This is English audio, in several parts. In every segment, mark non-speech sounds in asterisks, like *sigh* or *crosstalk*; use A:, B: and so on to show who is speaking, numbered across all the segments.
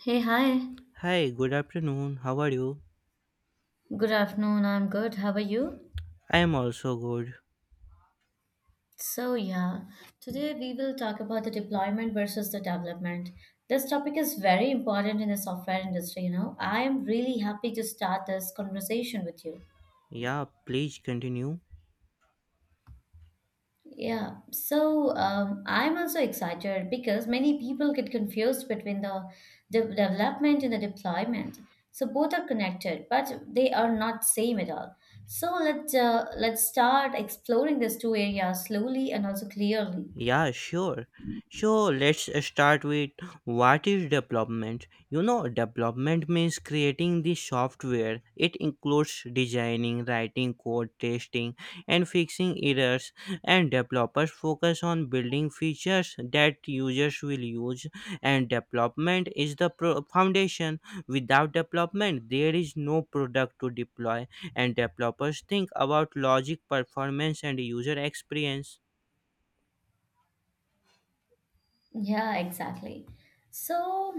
A: Hey, hi.
B: Hi, good afternoon. How are you?
A: Good afternoon. I'm good. How are you?
B: I am also good.
A: So, yeah, today we will talk about the deployment versus the development. This topic is very important in the software industry. I am really happy to start this conversation with you.
B: Yeah, please continue.
A: I'm also excited because many people get confused between the development and the deployment. So both are connected, but they are not same at all. So let's start exploring these two areas slowly and also clearly.
B: Yeah, sure. So let's start with what is development. You know, development means creating the software. It includes designing, writing code, testing, and fixing errors. And developers focus on building features that users will use. And development is the foundation. Without development, there is no product to deploy. And developers think about logic, performance, and user experience.
A: Yeah, exactly. So,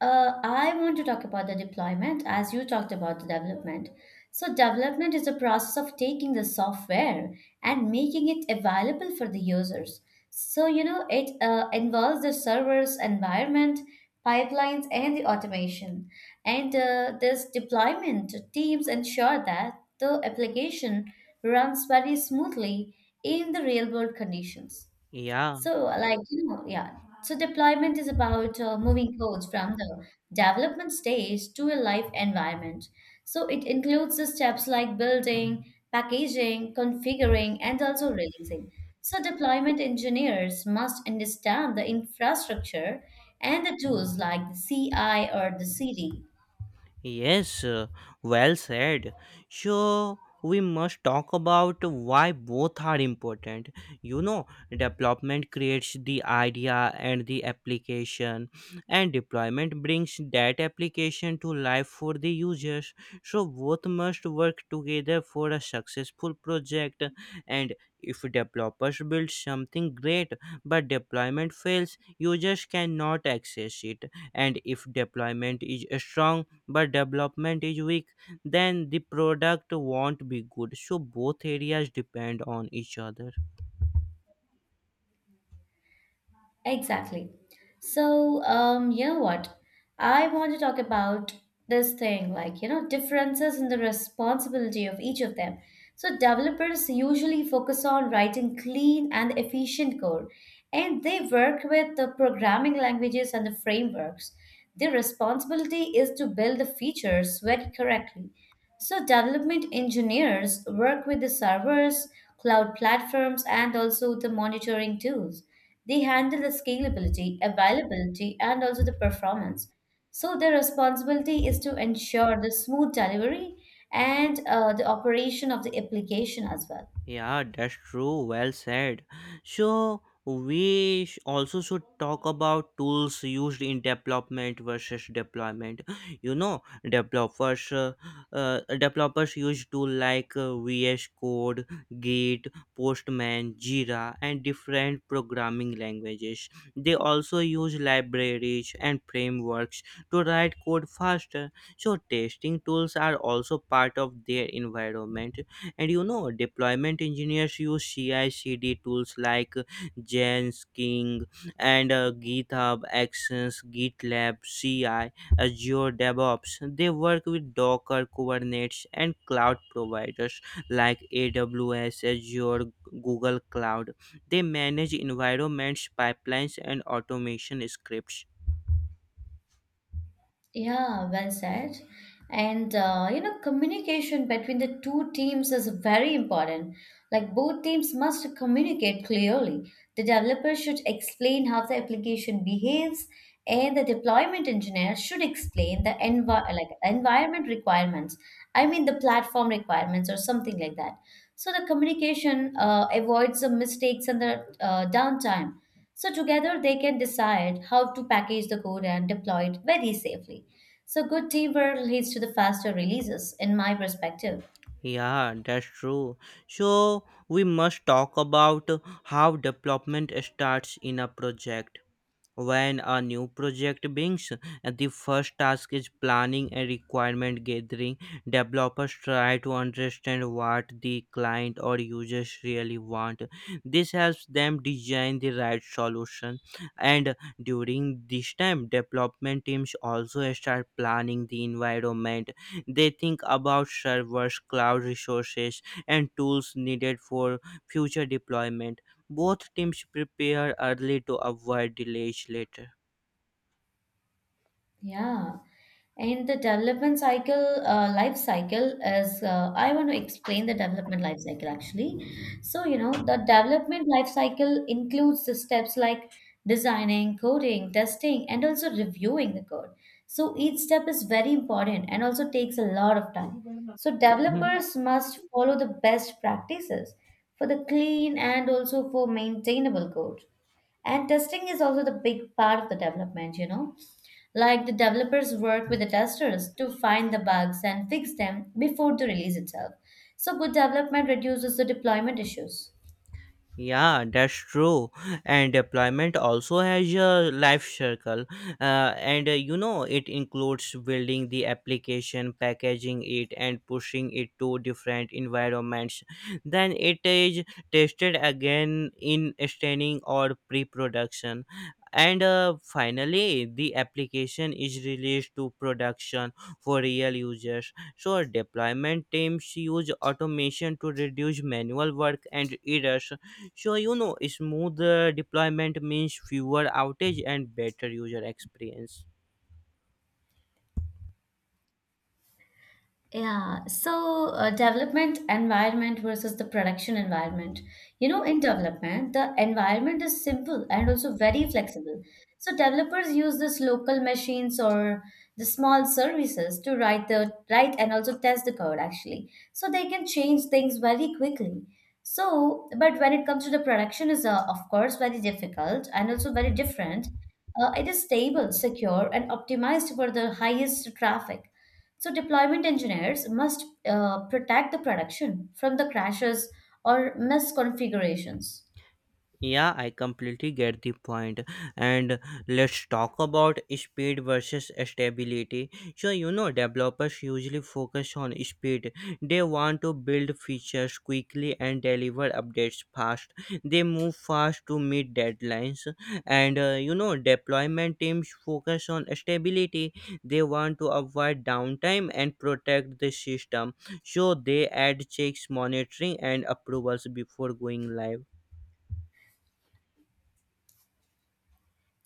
A: I want to talk about the deployment as you talked about the development. So, development is the process of taking the software and making it available for the users. So, it involves the servers, environment, pipelines, and the automation. And This deployment teams ensure that the application runs very smoothly in the real world conditions.
B: Yeah.
A: So, like, you know, yeah. So, deployment is about moving codes from the development stage to a live environment. So, it includes the steps like building, packaging, configuring, and also releasing. So, deployment engineers must understand the infrastructure and the tools like the CI or the CD.
B: Yes, well said. So, we must talk about why both are important. You know, development creates the idea and the application, and deployment brings that application to life for the users. So, both must work together for a successful project. And if developers build something great but deployment fails, users cannot access it. And if deployment is strong, but development is weak, then the product won't be good. So both areas depend on each other.
A: Exactly. You know what? I want to talk about this thing, differences in the responsibility of each of them. So, developers usually focus on writing clean and efficient code, and they work with the programming languages and the frameworks. Their responsibility is to build the features very correctly. So development engineers work with the servers, cloud platforms, and also the monitoring tools. They handle the scalability, availability, and also the performance. So their responsibility is to ensure the smooth delivery and the operation of the application as well.
B: Yeah, that's true. Well said. So we also should talk about tools used in development versus deployment. You know, developers uh, developers use tool like VS Code, Git, Postman, Jira, and different programming languages. They also use libraries and frameworks to write code faster. So testing tools are also part of their environment. And you know, deployment engineers use ci cd tools like jenkins and github actions, gitlab ci, azure devops. They work with docker, kubernetes, and cloud providers like aws, azure, google cloud. They manage environments, pipelines, and automation scripts.
A: Yeah, well said. And communication between the two teams is very important. Like both teams must communicate clearly. The developer should explain how the application behaves, and the deployment engineer should explain the like environment requirements. I mean, the platform requirements or something like that. So the communication avoids the mistakes and the downtime. So together they can decide how to package the code and deploy it very safely. So good teamwork leads to the faster releases, in my perspective.
B: Yeah, that's true. So we must talk about how development starts in a project. When a new project begins, the first task is planning and requirement gathering. Developers try to understand what the client or users really want. This helps them design the right solution. And during this time, development teams also start planning the environment. They think about servers, cloud resources, and tools needed for future deployment. Both teams prepare early to avoid delays later.
A: Yeah. And the life cycle is, I want to explain the development life cycle actually. So, you know, the development life cycle includes the steps like designing, coding, testing, and also reviewing the code. So, each step is very important and also takes a lot of time. So,
B: Mhm.
A: developers must follow the best practices for the clean and also for maintainable code. And testing is also the big part of the development. Like the developers work with the testers to find the bugs and fix them before the release itself. So good development reduces the deployment issues.
B: Yeah, that's true. And deployment also has a life cycle. And You know, it includes building the application, packaging it, and pushing it to different environments. Then it is tested again in staining or pre-production, and finally the application is released to production for real users. So deployment teams use automation to reduce manual work and errors. Sure. You know, smoother deployment means fewer outage and better user experience.
A: Development environment versus the production environment. You know, in development, the environment is simple and also very flexible. So developers use this local machines or the small services to write the write and also test the code actually. So they can change things very quickly. So, but when it comes to the production is of course very difficult and also very different. It is stable, secure, and optimized for the highest traffic so deployment engineers must protect the production from the crashes or misconfigurations.
B: Yeah, I completely get the point. And let's talk about speed versus stability. So, you know, developers usually focus on speed. They want to build features quickly and deliver updates fast. They move fast to meet deadlines. And you know, deployment teams focus on stability. They want to avoid downtime and protect the system. So, they add checks, monitoring, and approvals before going live.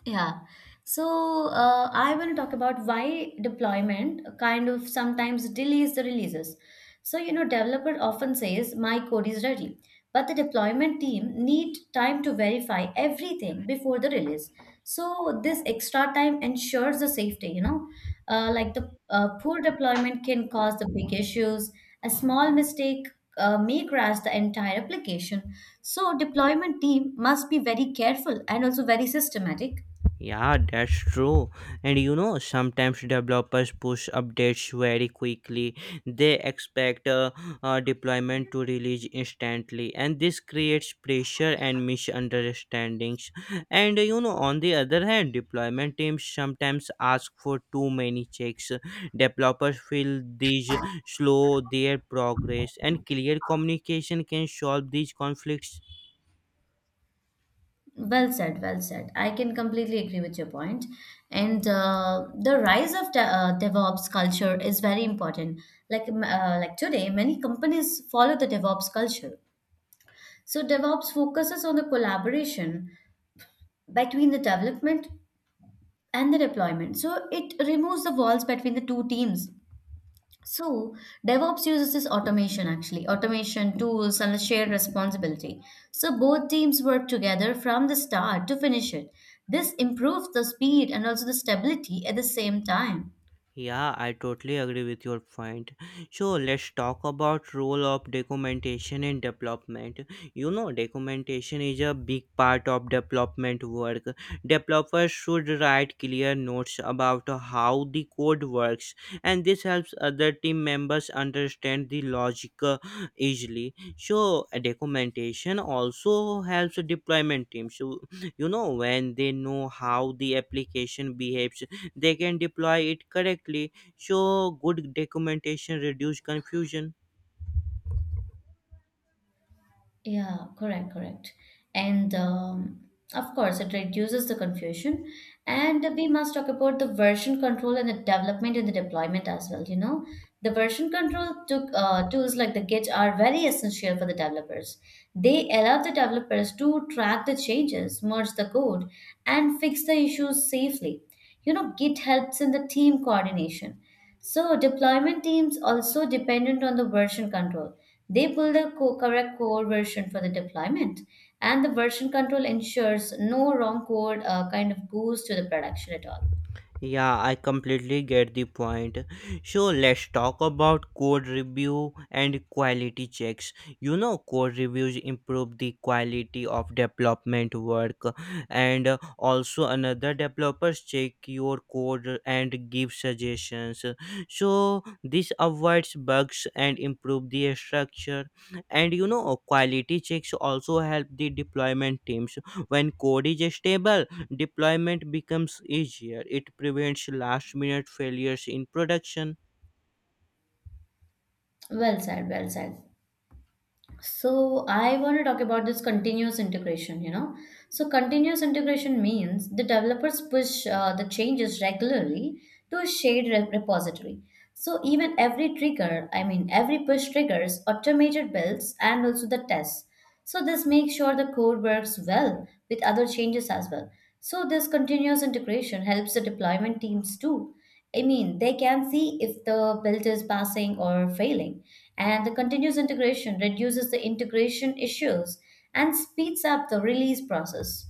A: Yeah. So I want to talk about why deployment kind of sometimes delays the releases. So you know, developer often says my code is ready, but the deployment team need time to verify everything before the release. So this extra time ensures the safety. You know, like the poor deployment can cause the big issues. A small mistake may crash the entire application. So deployment team must be very careful and also very systematic.
B: Yeah, that's true. And you know, sometimes developers push updates very quickly. They expect deployment to release instantly, and this creates pressure and misunderstandings. And you know, on the other hand, deployment teams sometimes ask for too many checks. Developers feel these slow their progress, and clear communication can solve these conflicts.
A: Well said, well said. I can completely agree with your point. And the rise of DevOps culture is very important. Like today, many companies follow the DevOps culture. So DevOps focuses on the collaboration between the development and the deployment. So it removes the walls between the two teams so, DevOps uses this automation tools and a shared responsibility. So, both teams work together from the start to finish it. This improves the speed and also the stability at the same time.
B: Yeah, I totally agree with your point. So let's talk about role of documentation in development. You know, documentation is a big part of development work. Developers should write clear notes about how the code works, and this helps other team members understand the logic easily. So documentation also helps deployment teams. So, you know, when they know how the application behaves, they can deploy it correctly. So, good documentation reduce confusion.
A: Yeah, correct, correct. And Of course, it reduces the confusion. And we must talk about the version control and the development and the deployment as well. You know, the tools like the Git are very essential for the developers. They allow the developers to track the changes, merge the code, and fix the issues safely. You know, Git helps in the team coordination. So deployment teams also dependent on the version control. They build a correct core version for the deployment, and the version control ensures no wrong code kind of goes to the production at all.
B: Yeah, I completely get the point. So let's talk about code review and quality checks. You know, code reviews improve the quality of development work, and also another developers check your code and give suggestions. So this avoids bugs and improve the structure. And you know, quality checks also help the deployment teams. When code is stable, deployment becomes easier. It prevents last minute failures in production.
A: Well said, well said. So I want to talk about this continuous integration, you know. So continuous integration means the developers push the changes regularly to a shared repository. So even every trigger, I mean every push triggers automated builds and also the tests. So this makes sure the code works well with other changes as well. So this continuous integration helps the deployment teams too. I mean, they can see if the build is passing or failing. And the continuous integration reduces the integration issues and speeds up the release process.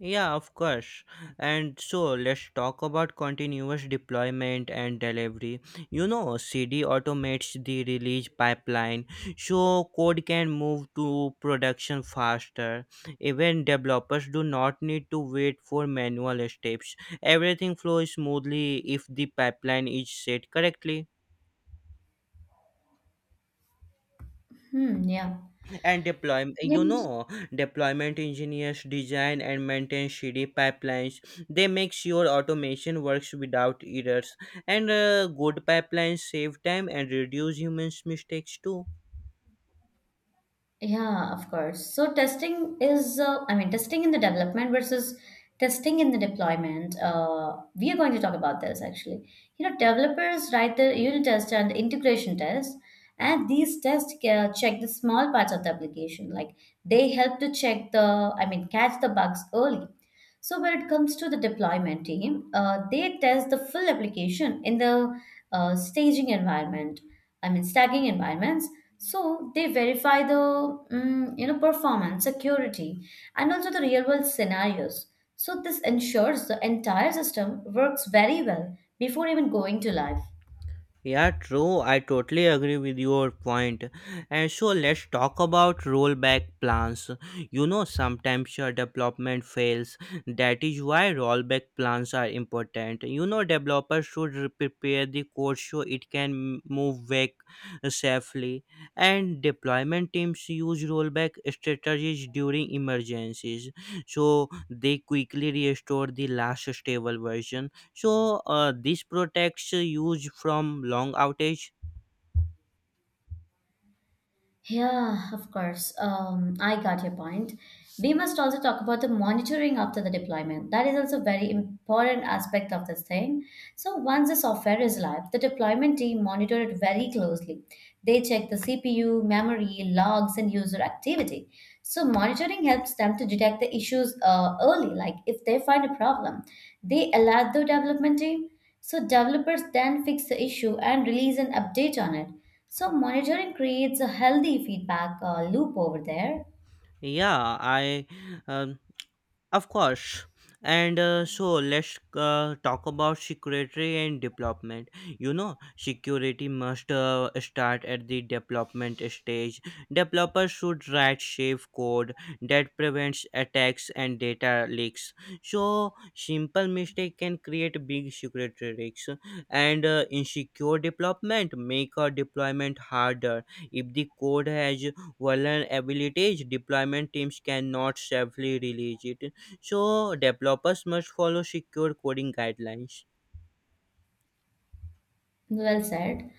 B: Yeah, of course. And so let's talk about continuous deployment and delivery. You know, CD automates the release pipeline so code can move to production faster. Even developers do not need to wait for manual steps. Everything flows smoothly if the pipeline is set correctly.
A: Hmm, yeah.
B: And deployment, you
A: And
B: know, deployment engineers design and maintain cd pipelines. They make sure automation works without errors, and good pipelines save time and reduce humans mistakes too.
A: yeah, of course. So testing is, I mean, testing in the development versus testing in the deployment. We are going to talk about this actually. You know, developers write the unit test and integration test, and these tests check the small parts of the application. Like they help to check the, I mean, catch the bugs early. So when it comes to the deployment team, they test the full application in the staging environment. I mean, staging environments. So they verify the performance, security, and also the real world scenarios. So this ensures the entire system works very well before even going to live.
B: Yeah, true. I totally agree with your point. And so let's talk about rollback plans. You know, sometimes your development fails. That is why rollback plans are important. You know, developers should prepare the code so it can move back safely. And deployment teams use rollback strategies during emergencies, so they quickly restore the last stable version. So this protects use from long outage.
A: Yeah, of course. I got your point. We must also talk about the monitoring after the deployment. That is also very important aspect of this thing. So once the software is live, the deployment team monitor it very closely. They check the CPU, memory, logs, and user activity. So monitoring helps them to detect the issues early. Like if they find a problem, they alert the development team. So developers then fix the issue and release an update on it. So monitoring creates a healthy feedback loop over there.
B: Yeah, I um, Of course. And so let's talk about security and development. You know, security must start at the development stage. Developers should write safe code that prevents attacks and data leaks. So, simple mistake can create big security risks. And insecure development make a deployment harder. If the code has vulnerabilities, deployment teams cannot safely release it. So, developers must follow secure coding guidelines.
A: Well said.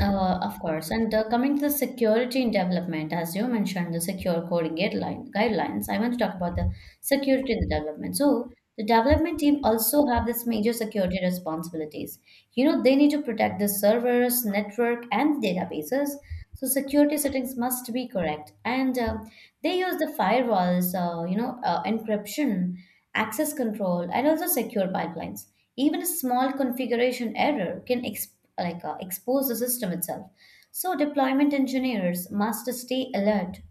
A: Of course. And Coming to the security in development, as you mentioned, the secure coding guidelines, I want to talk about the security in the development. So the development team also have this major security responsibilities. You know, they need to protect the servers, network, and databases. So security settings must be correct. And They use the firewalls, encryption, access control, and also secure pipelines. Even a small configuration error can expose the system itself. So deployment engineers must stay alert.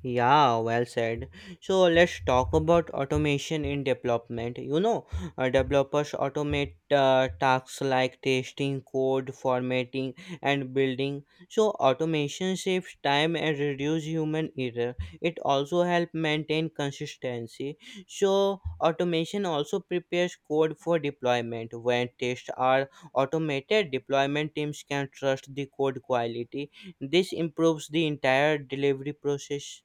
B: Yeah, well said. So let's talk about automation in development. You know, developers automate tasks like testing, code, formatting, and building. So automation saves time and reduce human error. It also help maintain consistency. So automation also prepares code for deployment. When tests are automated, deployment teams can trust the code quality. This improves the entire delivery process.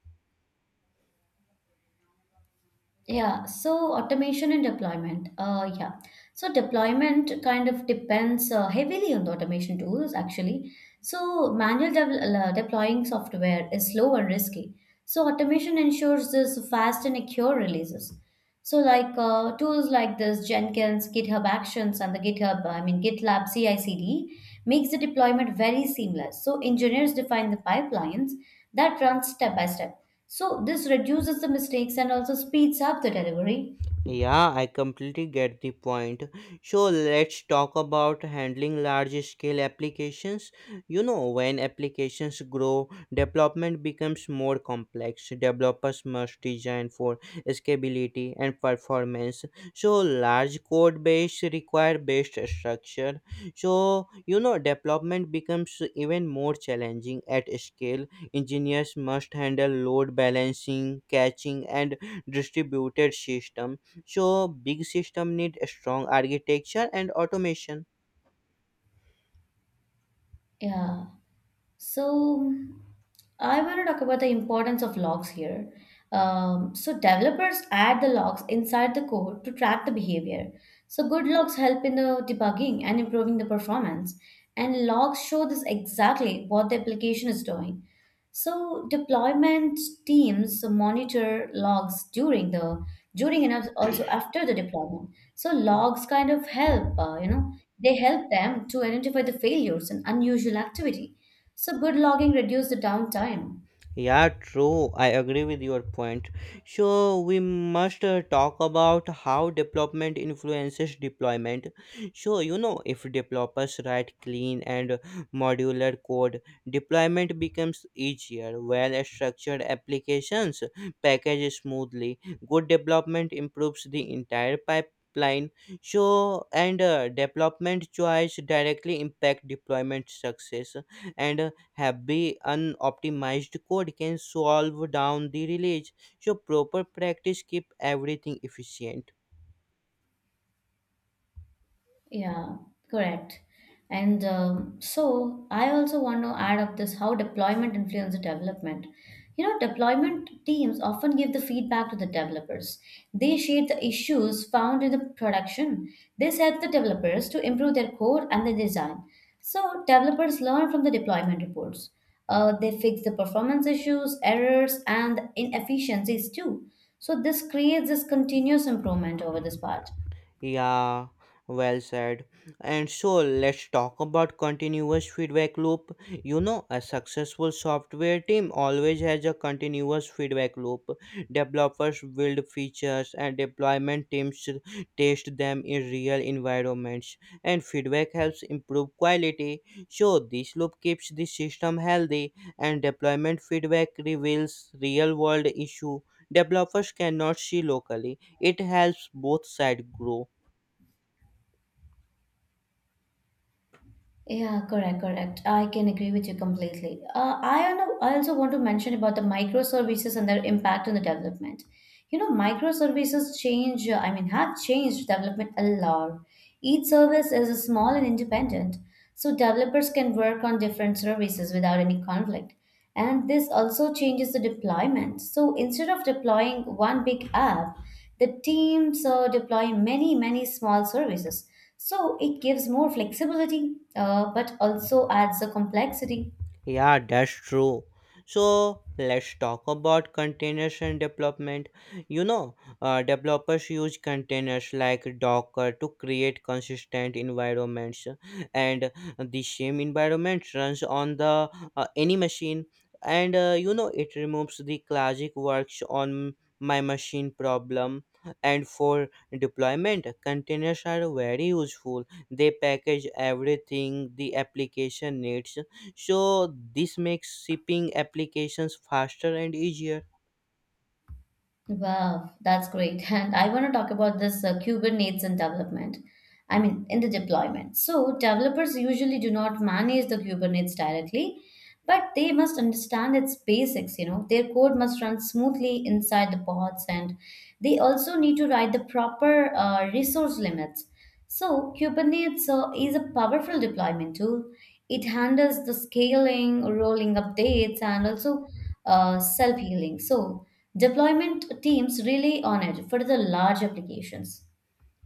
A: Yeah, so automation and deployment. Yeah, so deployment kind of depends heavily on the automation tools actually. So deploying software is slow and risky. So automation ensures this fast and accurate releases. So tools like this Jenkins, GitHub Actions, and the GitHub, I mean GitLab CI/CD makes the deployment very seamless. So engineers define the pipelines that run step by step. So this reduces the mistakes and also speeds up the delivery.
B: Yeah, I completely get the point. So let's talk about handling large scale applications. You know, when applications grow, development becomes more complex. Developers must design for scalability and performance. So large code base require based structure. So you know, development becomes even more challenging at scale. Engineers must handle load balancing, caching, and distributed systems. So big system need a strong architecture and automation.
A: Yeah. So, I want to talk about the importance of logs here. So, developers add the logs inside the code to track the behavior. So, good logs help in the debugging and improving the performance. And logs show this exactly what the application is doing. So, deployment teams monitor logs during the during and also after the deployment. So, logs kind of help, you know, they help them to identify the failures and unusual activity so good logging reduced the downtime.
B: Yeah, true. I agree with your point. So, we must talk about how development influences deployment. So, you know, if developers write clean and modular code, deployment becomes easier. Well structured applications package smoothly. Good development improves the entire pipeline. So, and development choice directly impact deployment success. And heavy unoptimized code can solve down the release, so proper practice keep everything efficient.
A: Yeah, correct. And So I also want to add up this how deployment influences development. You know, deployment teams often give the feedback to the developers. They share the issues found in the production. This helps the developers to improve their code and their design. So developers learn from the deployment reports. They fix the performance issues, errors, and inefficiencies too. So this creates this continuous improvement over this part.
B: Yeah, well said. And so let's talk about continuous feedback loop. You know, a successful software team always has a continuous feedback loop. Developers build features and deployment teams test them in real environments, and feedback helps improve quality. So, this loop keeps the system healthy, and deployment feedback reveals real world issue developers cannot see locally. It helps both sides grow.
A: Yeah, correct, correct. I can agree with you completely. I also want to mention about the microservices and their impact on the development. You know, microservices change, have changed development a lot. Each service is small and independent, so developers can work on different services without any conflict. And this also changes the deployment. So instead of deploying one big app, the teams deploy many, many small services. So it gives more flexibility, but also adds a complexity.
B: Yeah, that's true. So let's talk about containers and development. You know, developers use containers like Docker to create consistent environments, and the same environment runs on the any machine. And you know, it removes the classic works on my machine problem. And for deployment, containers are very useful. They package everything the application needs, so this makes shipping applications faster and easier.
A: Wow, that's great. *laughs* And I want to talk about this Kubernetes and development. I mean, in the deployment. So, developers usually do not manage the Kubernetes directly, but they must understand its basics, you know, their code must run smoothly inside the pods, and they also need to write the proper resource limits. So Kubernetes is a powerful deployment tool. It handles the scaling, rolling updates, and also self-healing. So deployment teams rely on it for the large applications.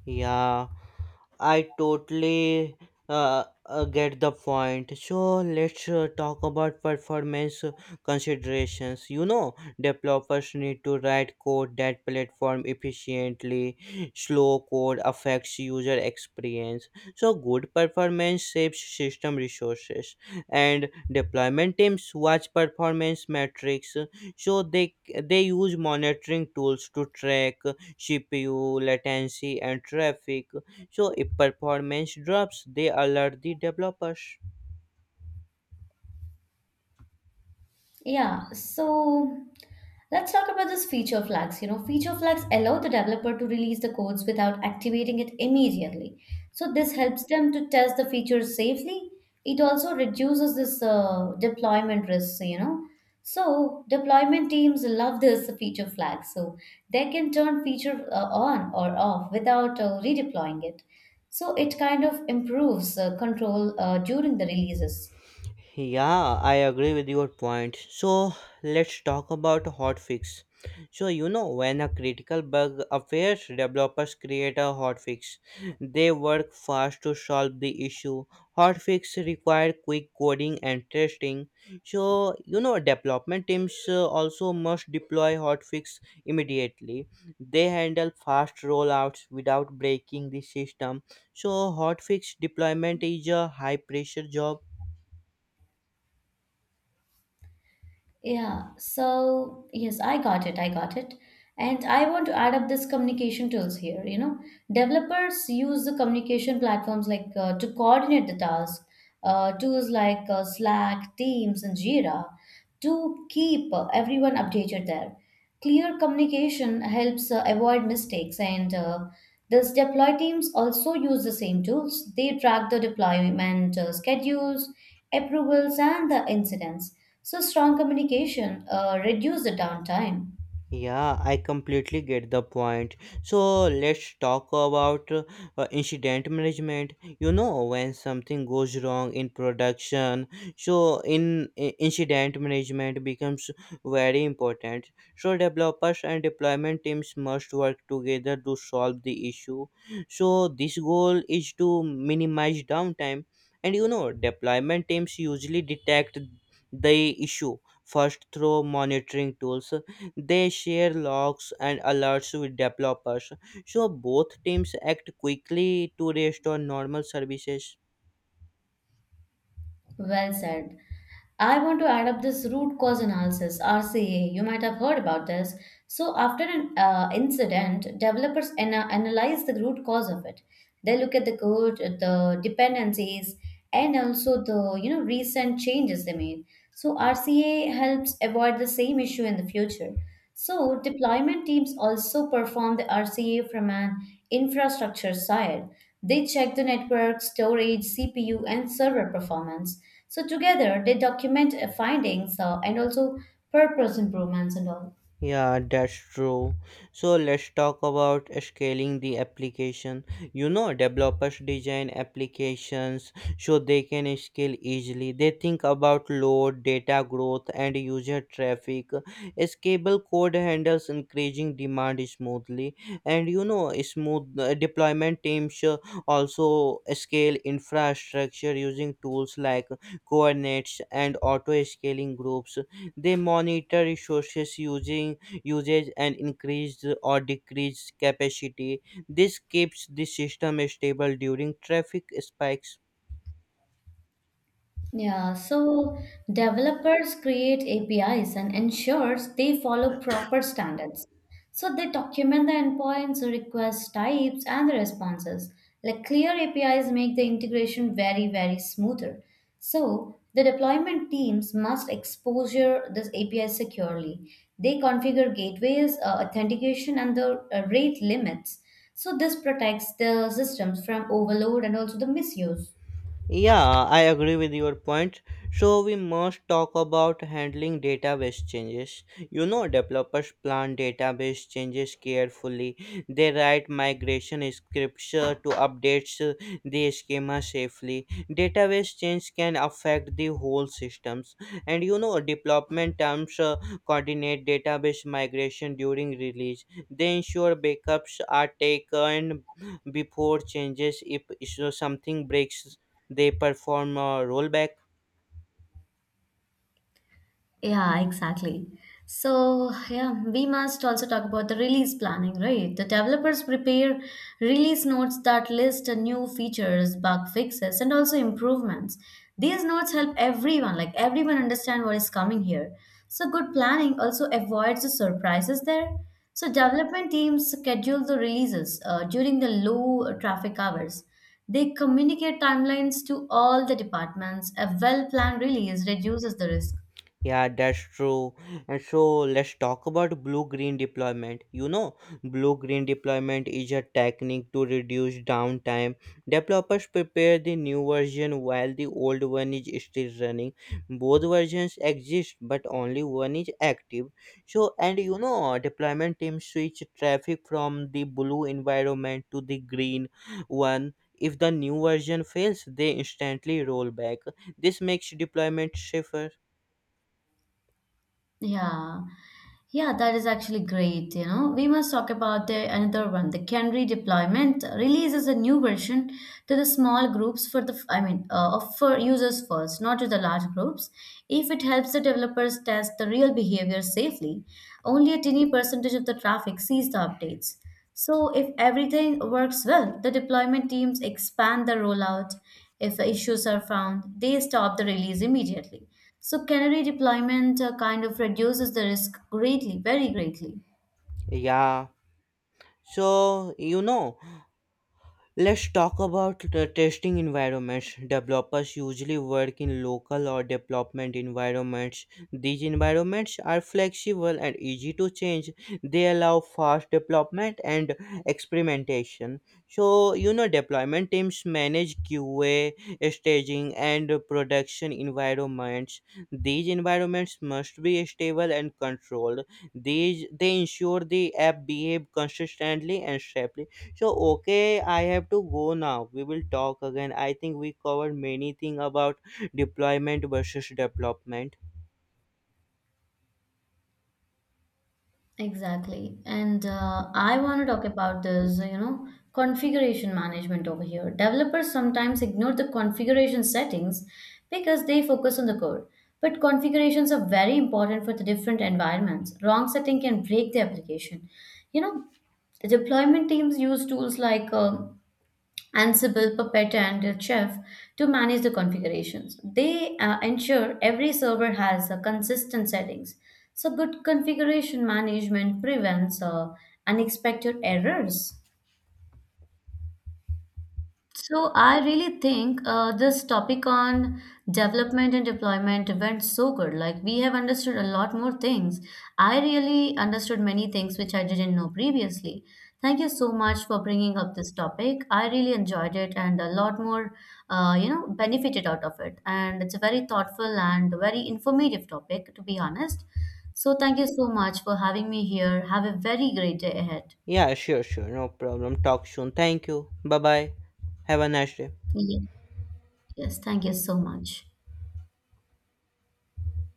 B: Yeah, I totally get the point. So let's talk about performance considerations. You know, developers need to write code that platform efficiently. Slow code affects user experience. So good performance saves system resources, and deployment teams watch performance metrics. So they use monitoring tools to track CPU, latency, and traffic. So if performance drops, they alert the developers.
A: Yeah, so let's talk about this feature flags. You know, feature flags allow the developer to release the codes without activating it immediately. So this helps them to test the features safely. It also reduces this deployment risks, So deployment teams love this feature flag. So they can turn feature on or off without redeploying it. So it kind of improves control during the releases.
B: Yeah, I agree with your point. So let's talk about hotfix. So you know, when a critical bug appears, developers create a hotfix. They work fast to solve the issue. Hotfix require quick coding and testing. So you know, development teams also must deploy hotfix immediately. They handle fast rollouts without breaking the system. So hotfix deployment is a high pressure job.
A: Yeah, so yes, I got it. I got it. And I want to add up this communication tools here. You know, developers use the communication platforms like to coordinate the task, tools like Slack, Teams, and Jira to keep everyone updated there. Clear communication helps avoid mistakes, and this deploy teams also use the same tools. They track the deployment schedules, approvals, and the incidents. So strong communication reduce the downtime.
B: Yeah, I completely get the point. So let's talk about incident management. You know, when something goes wrong in production, so incident management becomes very important. So developers and deployment teams must work together to solve the issue. So this goal is to minimize downtime, and you know, deployment teams usually detect the issue first through monitoring tools. They share logs and alerts with developers, so both teams act quickly to restore normal services.
A: Well said. I want to add up this root cause analysis (RCA). You might have heard about this. So after an incident, developers analyze the root cause of it. They look at the code, the dependencies, and also the, you know, recent changes they made. So RCA helps avoid the same issue in the future. So deployment teams also perform the RCA from an infrastructure side. They check the network, storage, CPU, and server performance. So together, they document findings and also purpose improvements and all.
B: Yeah, that's true. So let's talk about scaling the application. You know, developers design applications so they can scale easily. They think about load, data growth, and user traffic. Scalable code handles increasing demand smoothly, and you know, smooth deployment teams also scale infrastructure using tools like Kubernetes and auto scaling groups. They monitor resources using usage and increase or decrease capacity. This keeps the system stable during traffic spikes.
A: Yeah, so developers create APIs and ensures they follow proper standards. So they document the endpoints, request types, and the responses. Like, clear APIs make the integration very, very smoother. So the deployment teams must exposure this API securely. They configure gateways, authentication, and the rate limits. So this protects the systems from overload and also the misuse.
B: Yeah, I agree with your point. So we must talk about handling database changes. You know, developers plan database changes carefully. They write migration scripts to update the schema safely. Database change can affect the whole systems. And you know, development teams coordinate database migration during release. They ensure backups are taken before changes. If something breaks, they perform a rollback.
A: Yeah, exactly. So, yeah, we must also talk about the release planning, right? The developers prepare release notes that list new features, bug fixes, and also improvements. These notes help everyone, like everyone understand what is coming here. So, good planning also avoids the surprises there. So, development teams schedule the releases during the low traffic hours. They communicate timelines to all the departments. A well planned release reduces the risk.
B: Yeah, that's true. And so let's talk about blue green deployment. You know, blue green deployment is a technique to reduce downtime. Developers prepare the new version while the old one is still running. Both versions exist, but only one is active. So, and you know, deployment teams switch traffic from the blue environment to the green one. If the new version fails, they instantly roll back. This makes deployment safer.
A: Yeah. Yeah, that is actually great. You know, we must talk about the another one. The Canary deployment releases a new version to the small groups for the, for users first, not to the large groups. If it helps the developers test the real behavior safely, only a tiny percentage of the traffic sees the updates. So, if everything works well, the deployment teams expand the rollout. If issues are found, they stop the release immediately. So, canary deployment kind of reduces the risk greatly, very greatly.
B: Yeah. So, you know, let's talk about the testing environments. Developers usually work in local or development environments. These environments are flexible and easy to change. They allow fast development and experimentation. So, you know, deployment teams manage QA, staging, and production environments. These environments must be stable and controlled. These they ensure the app behave consistently and safely. So okay, I have to go now. We will talk again. I think we covered many things about deployment versus development.
A: Exactly. And I want to talk about this, you know, configuration management over here. Developers sometimes ignore the configuration settings because they focus on the code. But configurations are very important for the different environments. Wrong setting can break the application. You know, deployment teams use tools like Ansible, Puppet, and Chef to manage the configurations. They ensure every server has consistent settings. So, good configuration management prevents unexpected errors. So I really think this topic on development and deployment went so good. Like we have understood a lot more things. I really understood many things which I didn't know previously. Thank you so much for bringing up this topic. I really enjoyed it and a lot more, benefited out of it. And it's a very thoughtful and very informative topic, to be honest. So thank you so much for having me here. Have a very great day ahead.
B: Yeah, sure, sure, no problem. Talk soon. Thank you. Bye bye. Have a nice day.
A: Ye- Yes, thank you so much.